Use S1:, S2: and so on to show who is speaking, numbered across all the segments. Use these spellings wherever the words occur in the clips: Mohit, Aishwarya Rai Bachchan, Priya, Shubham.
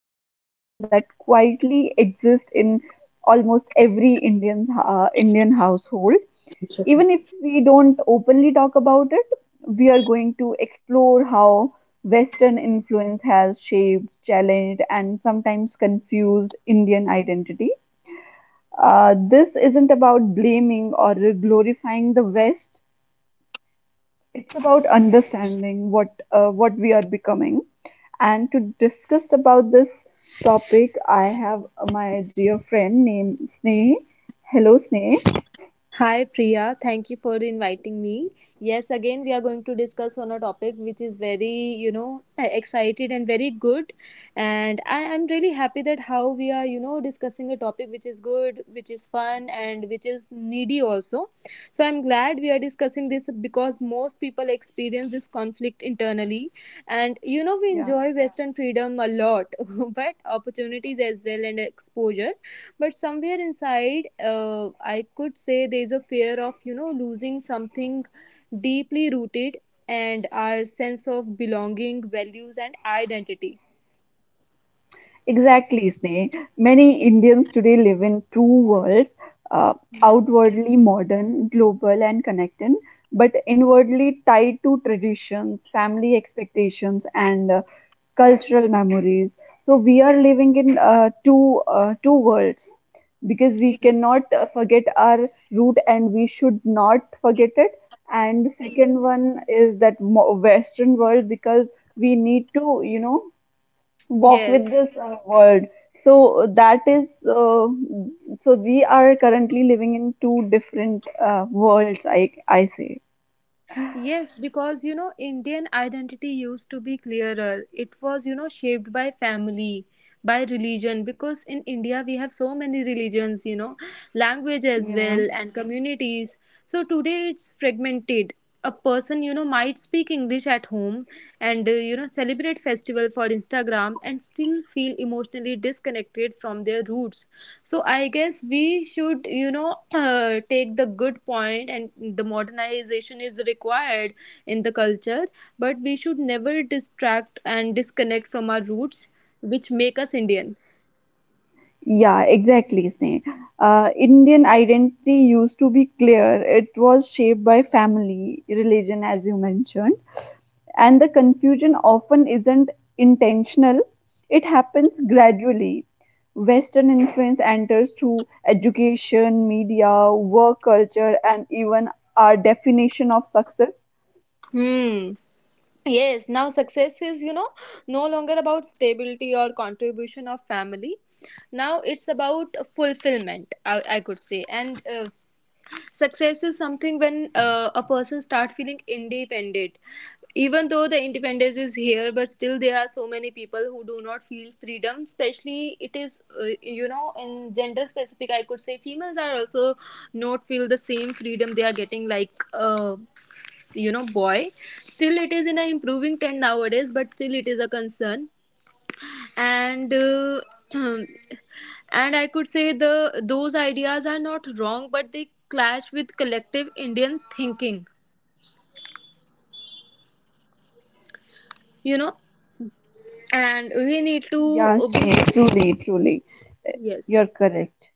S1: Is one that quietly exists in almost every Indian household. Even if we don't openly talk about it, we are going to explore how Western influence has shaped, challenged, and sometimes confused Indian identity. This isn't about blaming or glorifying the West. It's about understanding what we are becoming. And to discuss about this topic, I have my dear friend named Sneha. Hello, Sneha.
S2: Hi Priya, thank you for inviting me. Yes, again we are going to discuss on a topic which is very, excited and very good. And I am really happy that how we are discussing a topic which is good, which is fun and which is needy also. So I'm glad we are discussing this because most people experience this conflict internally. And we
S1: Yeah.
S2: enjoy Western freedom a lot, but opportunities as well and exposure, but somewhere inside I could say there is a fear of losing something deeply rooted, and our sense of belonging, values and identity.
S1: Exactly, Sneh. Many Indians today live in two worlds, uh, outwardly modern, global, and connected, but inwardly tied to traditions, family expectations, and cultural memories. So we are living in two worlds, because we cannot forget our root and we should not forget it. And the second one is that Western world, because we need to, walk
S2: Yes,
S1: with this world. So that is, uh, so we are currently living in two different worlds, I say.
S2: yes, because Indian identity used to be clearer. It was shaped by family, by religion, because in India we have so many religions, language as
S1: Yeah.
S2: well and communities. So today it's fragmented. A person might speak English at home and celebrate festival for Instagram and still feel emotionally disconnected from their roots. So I guess we should take the good point, and the modernization is required in the culture, but we should never distract and disconnect from our roots, which make us Indian.
S1: Yeah, exactly, Sneh. Indian identity used to be clear. It was shaped by family, religion, as you mentioned, and the confusion often isn't intentional. It happens gradually. Western influence enters through education, media, work culture, and even our definition of success.
S2: Hmm. Yes, now success is no longer about stability or contribution of family. Now it's about fulfillment, I could say. And Success is something when a person start feeling independent. Even though the independence is here, but still there are so many people who do not feel freedom. Especially, it is in gender specific. I could say females are also not feel the same freedom they are getting, like boy. Still, it is in a improving trend nowadays, but still it is a concern. And And I could say the those ideas are not wrong, but they clash with collective Indian thinking, you know and we need to
S1: Yes,
S2: be.
S1: truly, truly. Uh,
S2: Yes.
S1: You're correct.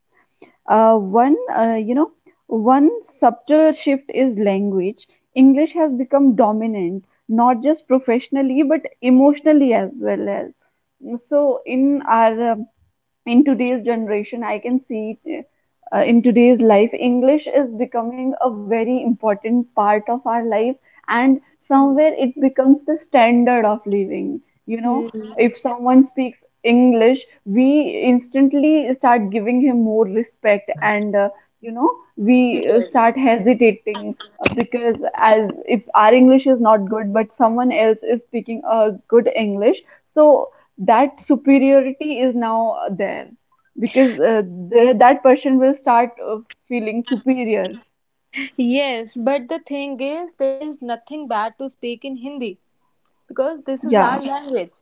S1: Uh, one, uh, you know, one subtle shift is language. English has become dominant, not just professionally, but emotionally as well as. So, in today's generation I can see it. Uh, in today's life, English is becoming a very important part of our life, and somewhere it becomes the standard of living you know
S2: Hmm.
S1: if someone speaks English, we instantly start giving him more respect, and you know we start
S2: Yes.
S1: hesitating, because as if our English is not good but someone else is speaking a good English. So that superiority is now there, because that person will start, feeling superior.
S2: Yes, but the thing is there is nothing bad to speak in Hindi, because this is our,
S1: Yeah,
S2: yeah, language.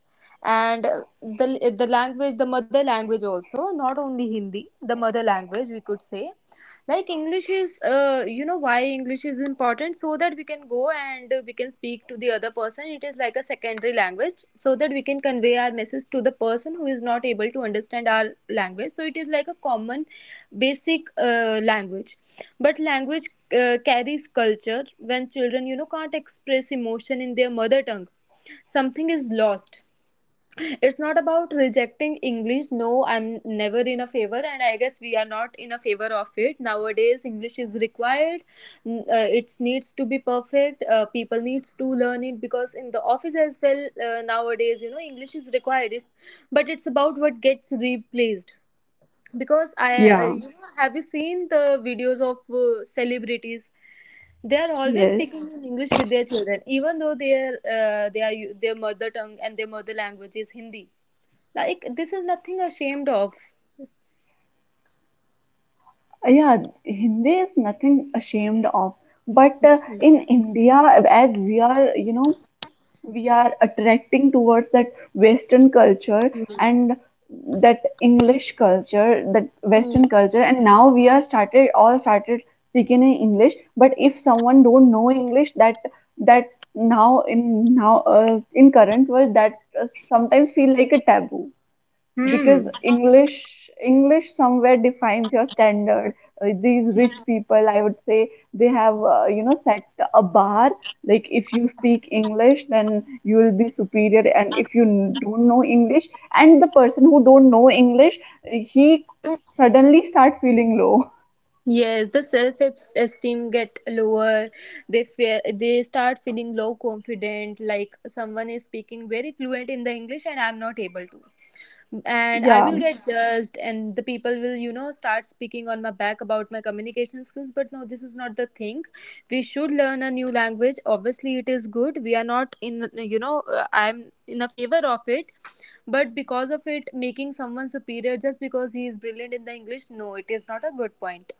S2: And The language, the mother language also, not only Hindi, the mother language, we could say. Like English is why English is important, so that we can go and we can speak to the other person. It is like a secondary language, so that we can convey our message to the person who is not able to understand our language. So it is like a common basic language. But language carries culture. When children can't express emotion in their mother tongue, something is lost. It's not about rejecting English. No, I'm never in a favor, and I guess we are not in a favor of it. Nowadays English is required. It needs to be perfect. People needs to learn it, because in the office as well nowadays English is required it, but it's about what gets replaced. Because I
S1: yeah,
S2: you know have you seen the videos of celebrities? They are always
S1: yes,
S2: speaking in English with their children, even though their they are u- their mother tongue and their mother language is Hindi. Like this is nothing ashamed of.
S1: yeah. Hindi is nothing ashamed of, but in
S2: Mhm.
S1: India, as we are, you know, we are attracting towards that Western culture, and that English culture, that
S2: Hmm.
S1: Western culture, and now we are started all started speaking in English. But if someone don't know English, that's now, in current world, that sometimes feel like a taboo, because
S2: Hmm.
S1: English somewhere defines your standard. These rich people, I would say, they have, set a bar. Like if you speak English then you will be superior, and if you don't know English, and the person who don't know English, he suddenly start feeling low.
S2: Yes, the self esteem get lower. They fear. They start feeling low confident. Like someone is speaking very fluent in the English and I'm not able to. And I will
S1: Yeah.
S2: get judged, and the people will start speaking on my back about my communication skills. But no, this is not the thing. We should learn a new language. Obviously, it is good. We are not in I'm in a favor of it. But because of it, making someone superior just because he is brilliant in the English, no, it is not a good point.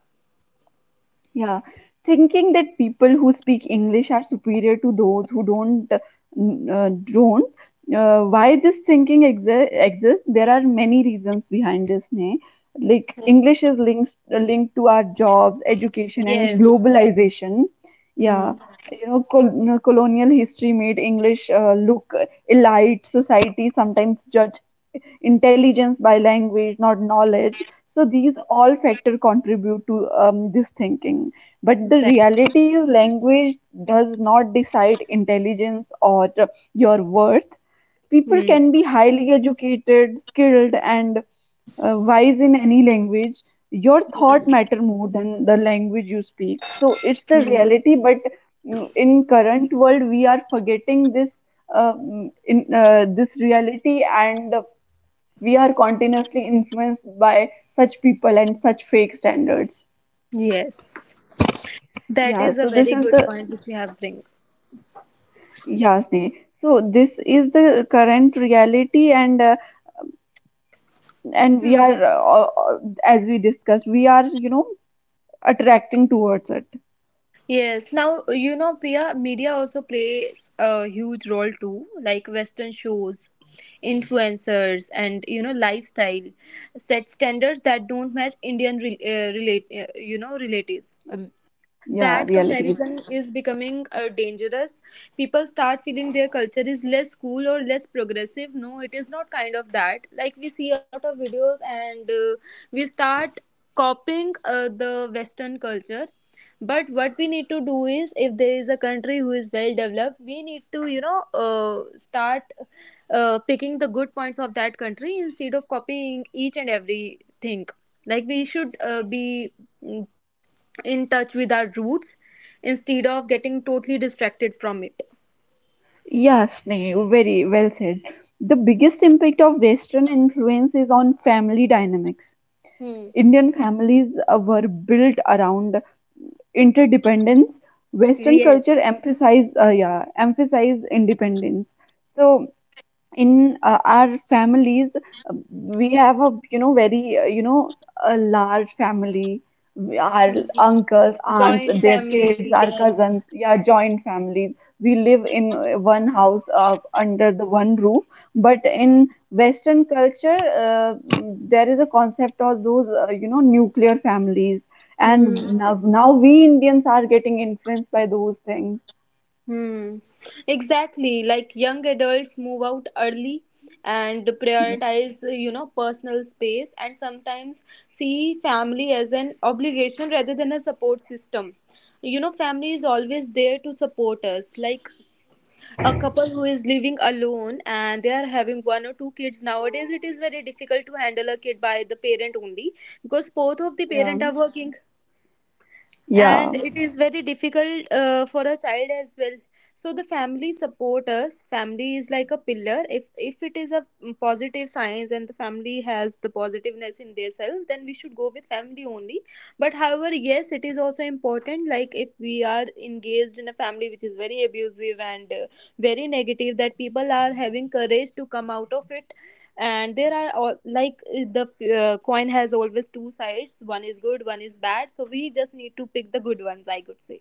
S1: Yeah, thinking that people who speak English are superior to those who don't. Why this thinking exists? There are many reasons behind this. Ne? Like English is linked to our jobs, education, and
S2: Yes.
S1: globalization. Yeah,
S2: Hmm.
S1: colonial history made English look elite. Society sometimes judge intelligence by language, not knowledge. So these all factors contribute to this thinking. But the
S2: Exactly.
S1: reality is, language does not decide intelligence or your worth. People
S2: Hmm.
S1: can be highly educated, skilled, and wise in any language. Your thought matter more than the language you speak. So it's the
S2: Hmm.
S1: reality. But in current world, we are forgetting this, in this reality, and we are continuously influenced by such people and such fake standards.
S2: Yes. That
S1: Yeah,
S2: is a
S1: so this
S2: very
S1: is
S2: good
S1: the
S2: point which you have bring.
S1: yeah, Sneha. So this is the current reality, and and we are as we discussed, we are attracting towards it.
S2: Yes, now Priya, media also plays a huge role too, like Western shows, influencers, and lifestyle set standards that don't match Indian relatives.
S1: Yeah,
S2: That
S1: realities.
S2: comparison is becoming dangerous. People start feeling their culture is less cool or less progressive. No, it is not kind of that. Like we see a lot of videos, and we start copying the Western culture. But what we need to do is, if there is a country who is well developed, we need to start picking the good points of that country, instead of copying each and everything. Like we should be mm, in touch with our roots, instead of getting totally distracted from it.
S1: Yeah, Sneha, very well said. The biggest impact of Western influence is on family dynamics.
S2: Hmm.
S1: Indian families, were built around interdependence. Western
S2: Yes,
S1: culture emphasize independence. So in our families, we have a, very, a large family. Our uncles, aunts,
S2: joint
S1: their kids,
S2: family.
S1: our
S2: Yes.
S1: cousins, yeah, joint families, we live in one house, under the one roof. But in Western culture, uh, there is a concept of those, nuclear families, and
S2: Hmm.
S1: now we Indians are getting influenced by those things.
S2: Hmm. Exactly. Like young adults move out early and
S1: Yeah,
S2: prioritize personal space, and sometimes see family as an obligation rather than a support system. Family is always there to support us. Like a couple who is living alone and they are having one or two kids nowadays, it is very difficult to handle a kid by the parent only, because both of the
S1: yeah,
S2: parent are working, and
S1: yeah.
S2: it is very difficult for a child as well. So the family support us. Family is like a pillar. If it is a positive science and the family has the positiveness in their self, then we should go with family only. But however, yes, it is also important, like if we are engaged in a family which is very abusive and very negative, that people are having courage to come out of it. And there are all, like the coin has always two sides, one is good, one is bad, so we just need to pick the good ones, I could say.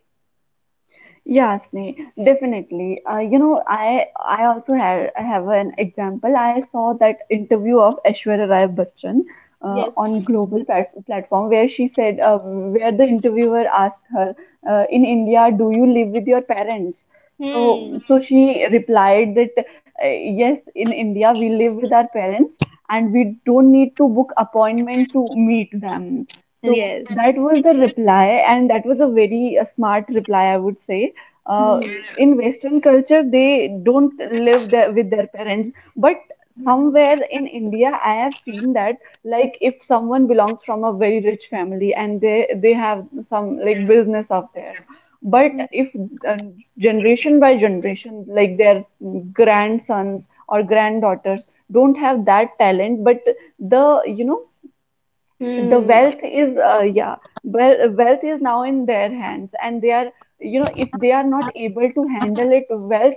S1: Yeah, Sneh, definitely. I also have an example. I saw that interview of Aishwarya Rai Bachchan,
S2: Yes.
S1: on global platform, where the interviewer asked her, in India, do you live with your parents?
S2: Hmm.
S1: So she replied that, yes, in India we live with our parents, and we don't need to book appointment to meet them. So
S2: Yes.
S1: that was the reply, and that was a very smart reply, I would say. Uh,
S2: Hmm.
S1: in Western culture they don't live there with their parents, but
S2: Hmm.
S1: somewhere in India I have seen that, like if someone belongs from a very rich family and they have some like business of theirs, but if uh, generation by generation, like their grandsons or granddaughters don't have that talent, but the you know the
S2: Hmm.
S1: wealth is, well, wealth is now in their hands, and they are, if they are not able to handle it well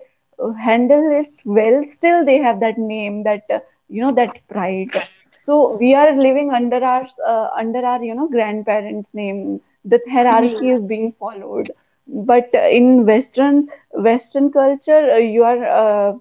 S1: handle it well still they have that name, that, that pride. So we are living under our, under our grandparents name, the hierarchy is
S2: Hmm.
S1: being followed. But in Western culture, you are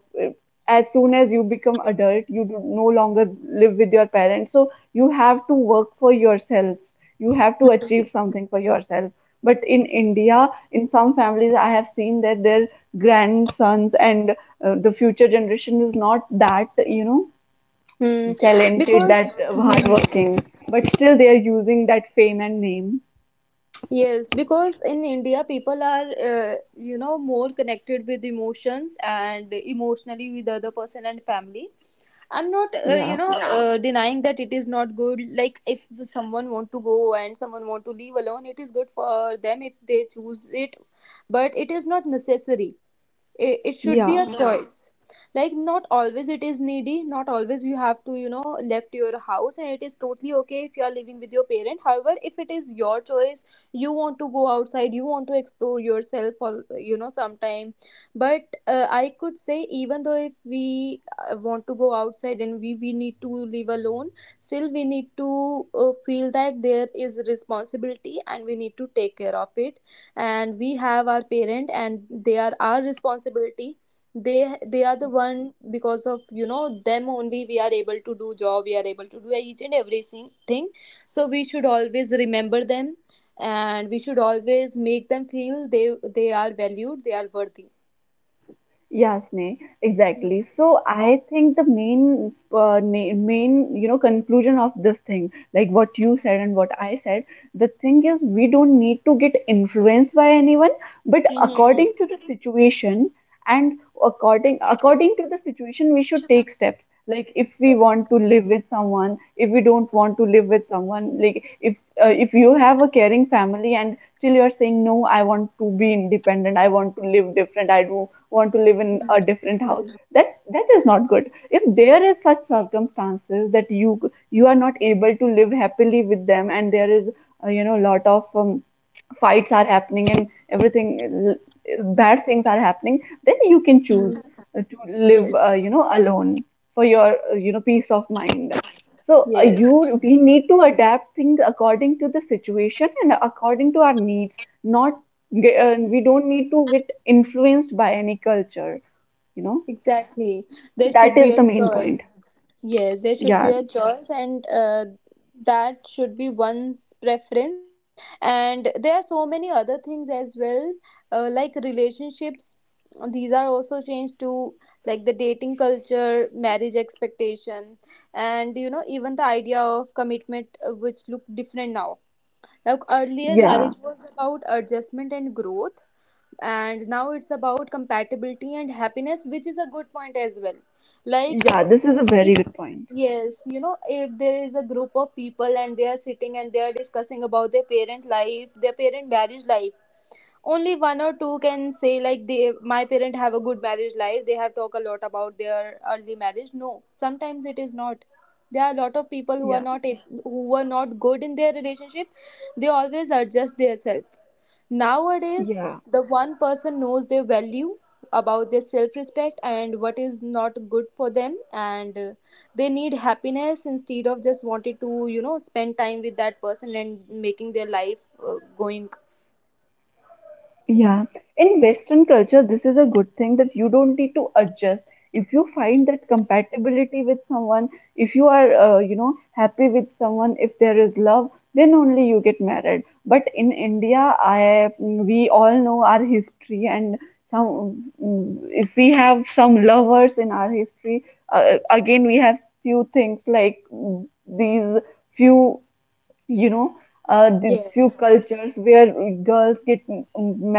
S1: as soon as you become adult, you do no longer live with your parents. So you have to work for yourself, you have to achieve something for yourself. But in India, in some families I have seen that their grandsons, and the future generation is not that,
S2: Hmm.
S1: talented, that
S2: Because hmm.
S1: hardworking, but still they are using that fame and name.
S2: Yes, because in India people are more connected with emotions and emotionally with the other person and family. I'm not,
S1: Yeah,
S2: denying that it is not good. Like if someone want to go and someone want to leave alone, it is good for them if they choose it, but it is not necessary. It should be
S1: yeah.
S2: a choice. Like not always it is needy, not always you have to left your house, and it is totally okay if you are living with your parent. However, if it is your choice, you want to go outside, you want to explore yourself for sometime. But I could say, even though if we want to go outside and we need to live alone, still we need to feel that there is responsibility and we need to take care of it. And we have our parent and they are our responsibility. They are the one, because of them only we are able to do job, we are able to do each and every thing. So we should always remember them, and we should always make them feel they are valued, they are worthy.
S1: Yeah, Sneh, exactly. So I think the main conclusion of this thing, like what you said and what I said, the thing is we don't need to get influenced by anyone, but
S2: Mhm.
S1: according to the situation, and according to the situation, we should take steps. Like if we
S2: Yes.
S1: want to live with someone, if we don't want to live with someone, like if you have a caring family and still you're saying no, I want to be independent, I want to live different, I do want to live in a different house,
S2: Mhm.
S1: that that is not good. If there is such circumstances that you are not able to live happily with them, and there is, lot of, fights are happening, and everything bad things are happening, then you can choose
S2: Mhm.
S1: to live,
S2: Yes,
S1: alone, for your, peace of mind. So you
S2: yes.
S1: we need to adapt things according to the situation and according to our needs. not ge-
S2: Mhm.
S1: uh, we don't need to get influenced by any culture, you know
S2: Exactly, there should
S1: that
S2: be
S1: is
S2: a
S1: the main point.
S2: choice. Yes, there should be
S1: Yeah,
S2: a choice, and that should be one's preference. And there are so many other things as well, like relationships. These are also changed to, like the dating culture, marriage expectation, and even the idea of commitment, which look different now. Like earlier,
S1: yeah.
S2: marriage was about adjustment and growth, and now it's about compatibility and happiness, which is a good point as well. Like
S1: Yeah, this
S2: if,
S1: is a very
S2: if
S1: good point.
S2: yes, if there is a group of people and they are sitting and they are discussing about their parent life, their parent marriage life, only one or two can say like they my parent have a good marriage life. They have talked a lot about their early marriage. No, sometimes it is not. There are a lot of people who are
S1: Yeah,
S2: not who are not good in their relationship. They always adjust themselves. Nowadays,
S1: yeah.
S2: the one person knows their value about their self respect and what is not good for them, and they need happiness, instead of just wanted to spend time with that person and making their life going.
S1: Yeah, in Western culture, this is a good thing that you don't need to adjust. If you find that compatibility with someone, if you are, happy with someone, if there is love, then only you get married. But in India, we all know our history, and if we have some lovers in our history, again we have few things, like few you know the few
S2: Yes.
S1: cultures where girls get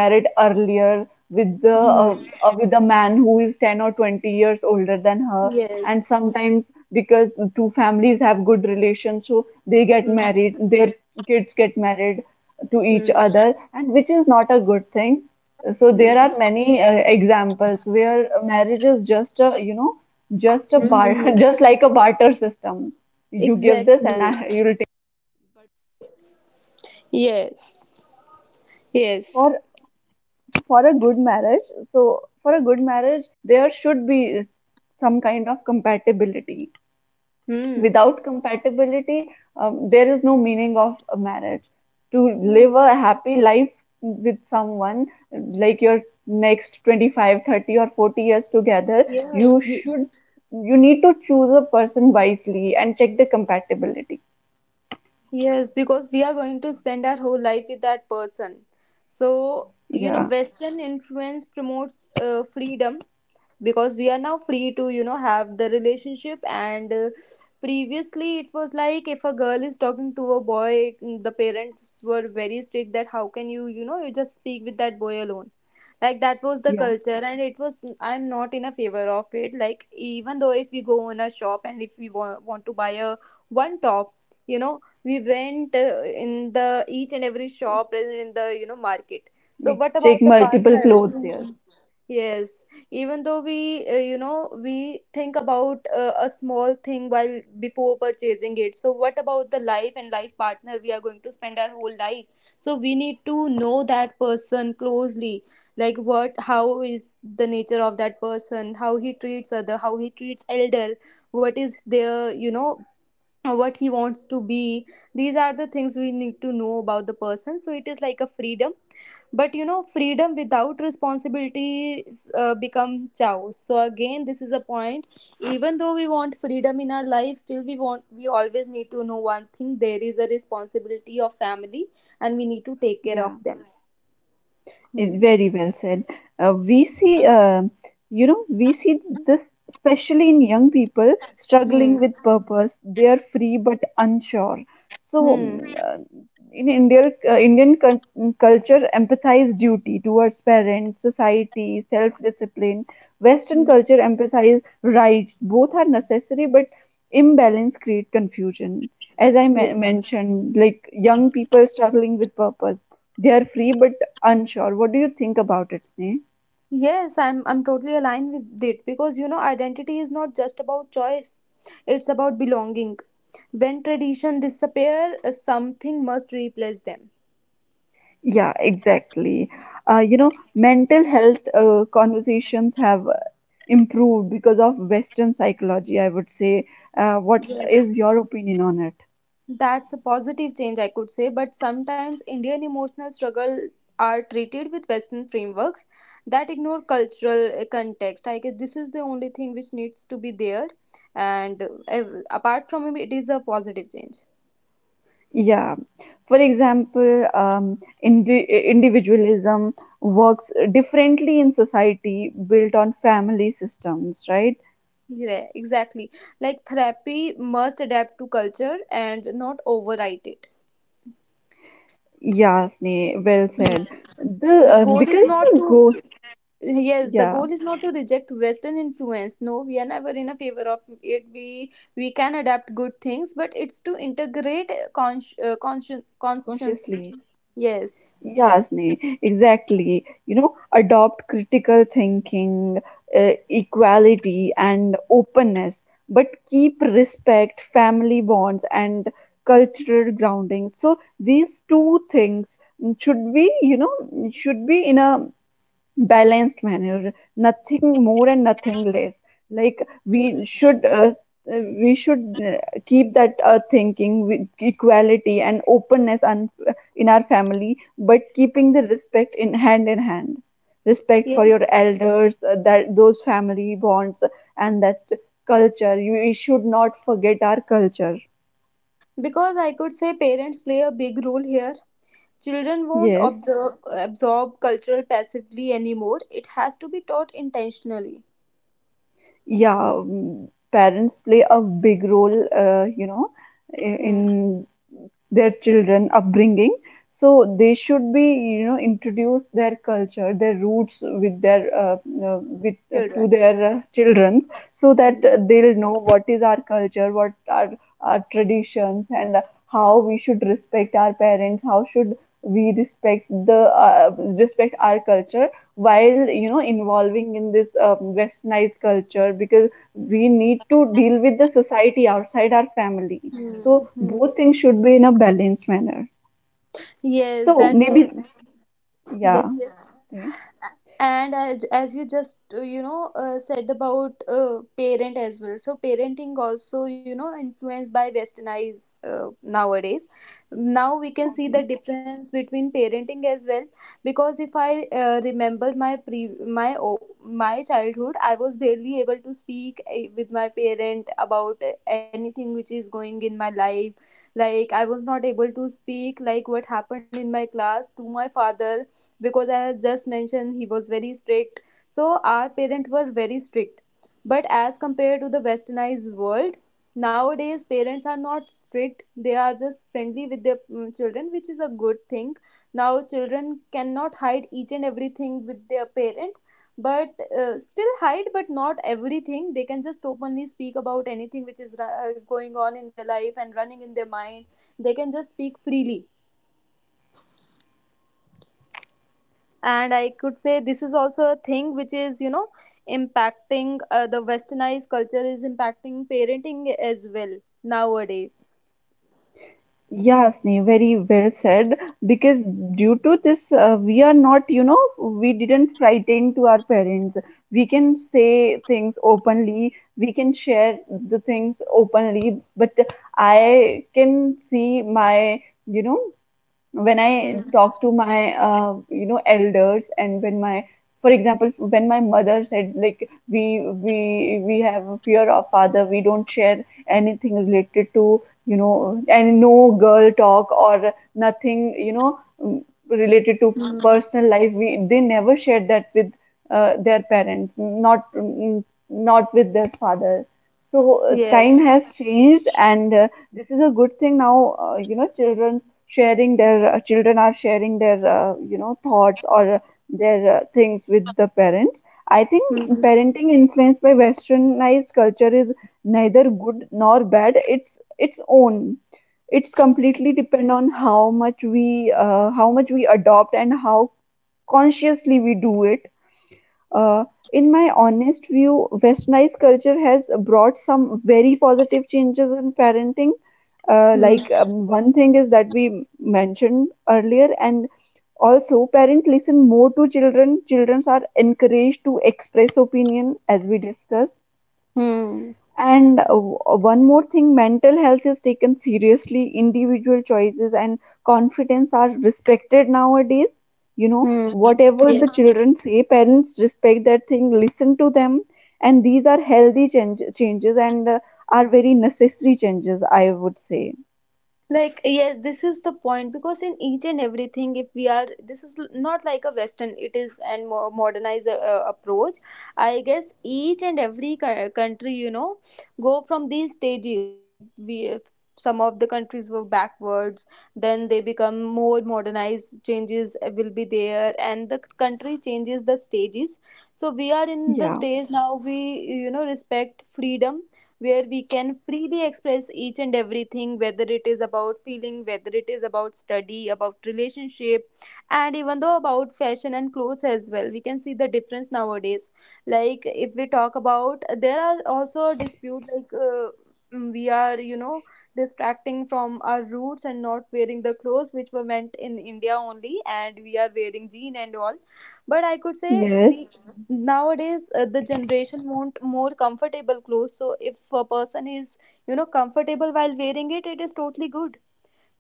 S1: married earlier with the uh,
S2: Hmm.
S1: uh, with a man who is 10 or 20 years older than her, and
S2: Yes.
S1: sometimes because the two families have good relations, so they get
S2: Hmm.
S1: married, their kids get married to each
S2: Hmm.
S1: other, and which is not a good thing. So
S2: Hmm.
S1: there are
S2: Hmm.
S1: many examples where marriage is just a you know just a
S2: Hmm.
S1: bar
S2: Hmm.
S1: just like a barter system. You give this, and
S2: Exactly.
S1: you'll.
S2: Yes. Yes. Hmm.
S1: Without compatibility, there is no meaning of a marriage. To
S2: Hmm.
S1: live a happy life with someone, like your next 25, 30, or 40 years together,
S2: Yes.
S1: you should you need to choose a person wisely and check the compatibility.
S2: Yes, because we are going to spend our whole life with that person. So, you know,
S1: Yeah,
S2: Western influence promotes freedom, because we are now free to you know have the relationship and previously it was like if a girl is talking to a boy the parents were very strict that how can you you know you just speak with that boy alone. Like that was the
S1: yeah,
S2: culture and it was I'm not in a favor of it. Like even though if we go in a shop and if we want to buy a one top, you know we went in the each and every shop present in the you know market. So
S1: we
S2: what
S1: check
S2: about the
S1: multiple
S2: partner?
S1: clothes, yes.
S2: Yes, even though we, you know, we think about a small thing while before purchasing it. So, what about the life and life partner we are going to spend our whole life? So, we need to know that person closely. Like, what, how is the nature of that person? How he treats other, how he treats elder, what is their, you know, what he wants to be. These are the things we need to know about the person. So, it is like a freedom, but you know, freedom without responsibilities become chaos. So again, this is a point. Even though we want freedom in our life, still we always need to know one thing: there is a responsibility of family, and we need to take care of
S1: Yeah.
S2: them. Hmm.
S1: Very well said. Uh, we see, uh, we see this especially in young people struggling
S2: Hmm.
S1: with purpose. They are free but unsure. So,
S2: Hmm.
S1: in India, Indian culture, empathize duty towards parents, society, self-discipline. Western
S2: Hmm.
S1: culture empathize rights. Both are necessary, but imbalance create confusion. As I
S2: Yeah.
S1: mentioned, like young people struggling with purpose, they are free but unsure. What do you think about it, Sneh?
S2: Yes, I'm totally aligned with it because you know, identity is not just about choice; it's about belonging. When tradition disappear, something must replace them.
S1: Yeah, exactly. Mental health conversations have improved because of Western psychology, I would say. What is
S2: Yes.
S1: your opinion on it?
S2: That's a positive change, I could say, but sometimes Indian emotional struggle are treated with Western frameworks that ignore cultural context. I guess this is the only thing which needs to be there, and apart from it, it is a positive change.
S1: Yeah. For example, individualism works differently in society built on family systems, right?
S2: Yeah, exactly. Like therapy must adapt to culture and not overwrite it.
S1: Yeah, Sneh, well
S2: Hmm.
S1: said. The,
S2: The goal is
S1: because
S2: not
S1: the
S2: to.
S1: go,
S2: Yes, the
S1: yeah,
S2: goal is not to reject Western influence. No, we are never in a favor of it. We can adapt good things, but it's to integrate consciously.
S1: consciously.
S2: Yes,
S1: Yasni, exactly. You know, adopt critical thinking, equality, and openness, but keep respect, family bonds, and cultural grounding. So these two things should be, should be in a balanced manner, nothing more and nothing less. Like we
S2: yes,
S1: should uh, uh, we should uh, keep that thinking with equality and openness and in our family, but keeping the respect in hand in hand, respect for your
S2: yes.
S1: elders, that those family bonds and that culture, we should not forget our culture.
S2: Because I could say parents play a big role here. Children won't
S1: Yes.
S2: observe, absorb cultural passively anymore. It has to be taught intentionally.
S1: Yeah, parents play a big role,
S2: Hmm.
S1: in their children upbringing. So they should be, you know, introduce their culture, their roots with their uh, with to
S2: Children.
S1: their children, so that
S2: Hmm.
S1: they'll know what is our culture, what are our traditions, and how we should respect our parents, how should we respect the respect our culture while, you know, involving in this westernized culture, because we need to deal with the society outside our family. So
S2: Hmm. Hmm.
S1: both things should be in a balanced manner.
S2: Yes,
S1: So
S2: that both.
S1: maybe, yeah,
S2: Yes, yes. And as you just you know said about parent as well, so parenting also you know influenced by westernized nowadays. Now we can see
S1: okay.
S2: the difference between parenting as well, because if I remember my pre my o- my childhood, I was barely able to speak with my parent about anything which is going in my life. Like I was not able to speak like what happened in my class to my father, because I have just mentioned he was very strict. So our parents were very strict. But as compared to the westernized world, nowadays parents are not strict. They are just friendly with their children, which is a good thing. Now children cannot hide each and everything with their parent, but still hide, but not everything. They can just openly speak about anything which is going on in their life and running in their mind. They can just speak freely, and I could say this is also a thing which is you know impacting the westernized culture is impacting parenting as well nowadays.
S1: Yes, Sneha, very well said. Because due to this, we are not, you know, we didn't frighten to our parents. We can say things openly. We can share the things openly. But I can see my, you know, when I
S2: Hmm.
S1: talk to my you know elders, and when my, for example, when my mother said, like, we have a fear of father. We don't share anything related to, you know, and no girl talk or nothing, you know, related to
S2: Hmm.
S1: personal life, we they never shared that with their parents, not not with their father. So time
S2: Yes.
S1: has changed, and this is a good thing now. You know, children are sharing their, you know, thoughts or their things with the parents. I think
S2: Hmm.
S1: parenting influenced by westernized culture is neither good nor bad. It's its own. It's completely depend on how much we adopt and how consciously we do it. uh, in my honest view, westernized culture has brought some very positive changes in parenting. Like, one thing is that we mentioned earlier, and also parents listen more to children. Children are encouraged to express opinion, as we discussed.
S2: Hmm. Hmm.
S1: And one more thing, mental health is taken seriously. Individual choices and confidence are respected nowadays. You know,
S2: Hmm.
S1: whatever the
S2: Yes.
S1: children say, parents respect that thing, listen to them. And these are healthy changes, and are very necessary changes, I would say.
S2: Like yes, this is the point, because in each and everything if we are this is not like a western, it is an more modernized approach. I guess each and every country, you know, go from these stages. Like we, if some of the countries were backwards, then they become more modernized. Changes will be there and the country changes the stages. So we are in the
S1: Yeah.
S2: stage now. We you know respect freedom, where we can freely express each and everything, whether it is about feeling, whether it is about study, about relationship, and even though about fashion and clothes as well. We can see the difference nowadays. Like, if we talk about, there are also dispute like we are, you know, distracting from our roots and not wearing the clothes which were meant in India only, and we are wearing jean and all. But I could say we
S1: Yes.
S2: nowadays the generation want more comfortable clothes. So if a person is you know comfortable while wearing it, it is totally good.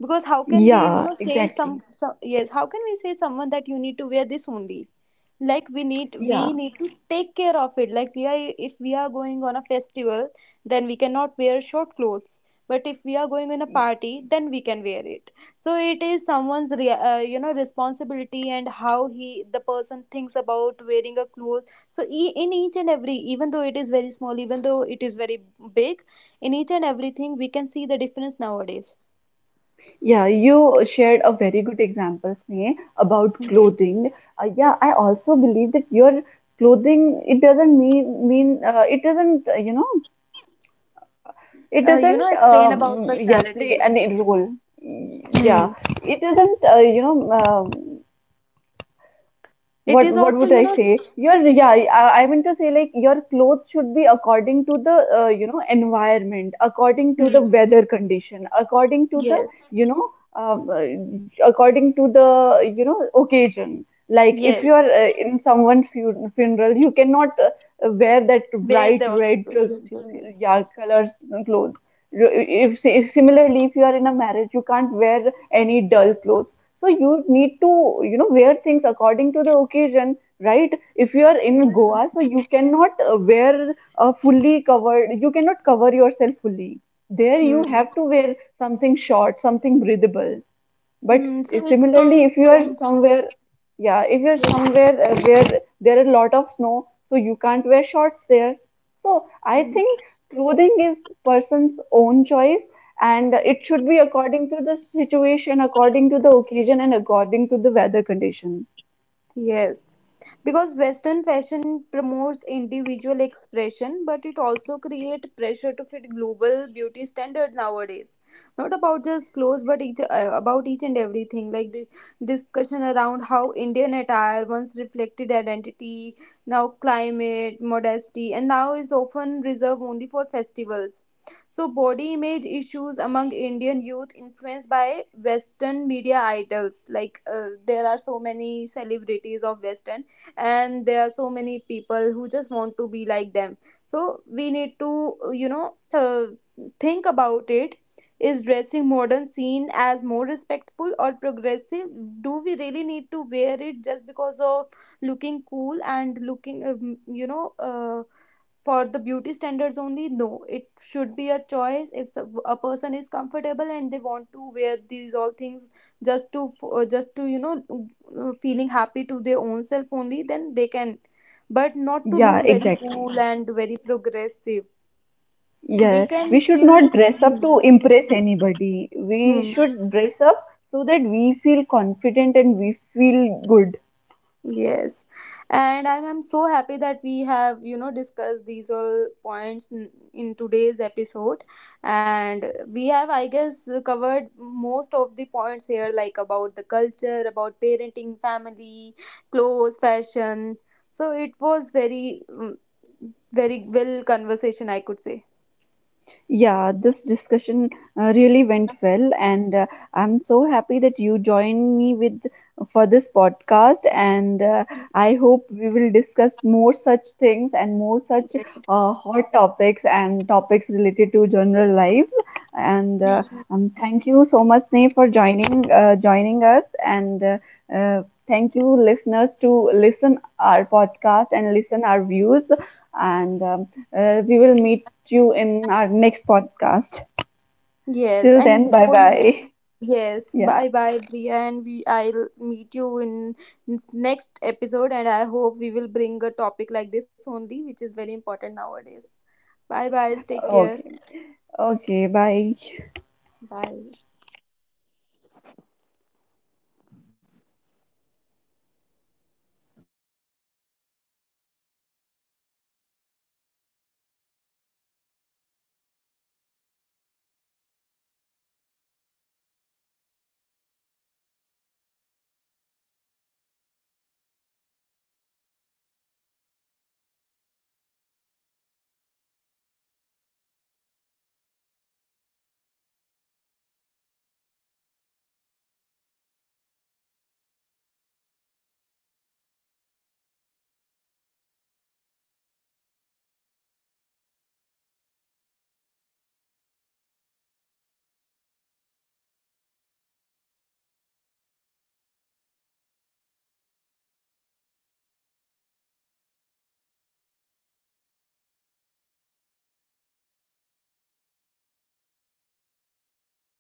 S2: Because how can we you
S1: Yeah,
S2: know say some,
S1: exactly.
S2: some yes, how can we say someone that you need to wear this only. Like we need, we
S1: Yeah.
S2: need to take care of it. Like we are, if we are going on a festival, then we cannot wear short clothes. But if we are going in a party, then we can wear it. So it is someone's you know responsibility and how he the person thinks about wearing a clothes. So in each and every, even though it is very small, even though it is very big, in each and everything we can see the difference nowadays.
S1: Yeah, you shared a very good example, Sneh, about clothing. Yeah, I also believe that your clothing, it doesn't mean, it doesn't, you know, it
S2: You
S1: doesn't,
S2: know explain about
S1: yeah,
S2: personality.
S1: play any role. Mm, yeah,
S2: Hmm.
S1: it doesn't, you know. Um,
S2: It
S1: what
S2: is
S1: what
S2: also
S1: would
S2: you
S1: I
S2: know
S1: say? Your, yeah, I meant to say, like, your clothes should be according to the, you know, environment, according to the
S2: hmm.
S1: weather condition, according to the,
S2: Yes.
S1: you know, according to the, you know, occasion. Like, if you are,
S2: Yes,
S1: in someone's funeral, you cannot wear that
S2: where
S1: bright
S2: they also,
S1: red,
S2: yes, yes, yes.
S1: yeah, colors, clothes. If similarly, if you are in a marriage, you can't wear any dull clothes. So you need to, you know, wear things according to the occasion, right? If you are in
S2: Hmm.
S1: Goa, so you cannot wear a fully covered, you cannot cover yourself fully. There you have
S2: Hmm.
S1: to wear something short, something breathable. But
S2: Hmm. So it's
S1: similarly,
S2: totally
S1: if you are
S2: depends.
S1: somewhere, yeah, if you're
S2: Yes. Yes.
S1: somewhere, where there are a lot of snow, so you can't wear shorts there. So I
S2: Hmm.
S1: think clothing is person's own choice, and it should be according to the situation, according to the occasion, and according to the weather condition.
S2: Yes. Because Western fashion promotes individual expression, but it also creates pressure to fit global beauty standards nowadays. Not about just clothes, but each, about each and everything. Like the discussion around how Indian attire once reflected identity, now climate, modesty, and now is often reserved only for festivals. So, body image issues among Indian youth influenced by Western media idols. Like, there are so many celebrities of Western, and there are so many people who just want to be like them. So, we need to, you know, think about it. Is dressing modern seen as more respectful or progressive? Do we really need to wear it just because of looking cool and looking, you know, for the beauty standards only? No, it should be a choice. If a person is comfortable and they want to wear these all things just to you know feeling happy to their own self, only then they can, but not to
S1: Yeah,
S2: look very
S1: exactly.
S2: cool and very progressive. We
S1: Yeah,
S2: can
S1: we should
S2: still.
S1: not dress up to
S2: Hmm.
S1: impress anybody. We
S2: Hmm.
S1: should dress up so that we feel confident and we feel good.
S2: Yes, and I'm so happy that we have, you know, discussed these all points in today's episode. And we have, I guess, covered most of the points here, like about the culture, about parenting, family, clothes, fashion. So it was very, very well conversation, I could say.
S1: Yeah, this discussion really went well, and I'm so happy that you joined me with for this podcast. And I hope we will discuss more such things and more such hot topics and topics related to general life. And thank you so much, Sneh, for joining us. And uh, thank you, listeners, to listen our podcast and listen our views. And we will meet you in our next podcast.
S2: Yes,
S1: Till
S2: and
S1: then, bye
S2: before you.
S1: bye.
S2: Yes,
S1: Yeah.
S2: bye bye Priya, and we I'll meet you in next episode, and I hope we will bring a topic like this only which is very important nowadays. Bye bye, take care.
S1: Okay. Okay. Bye.
S2: Bye.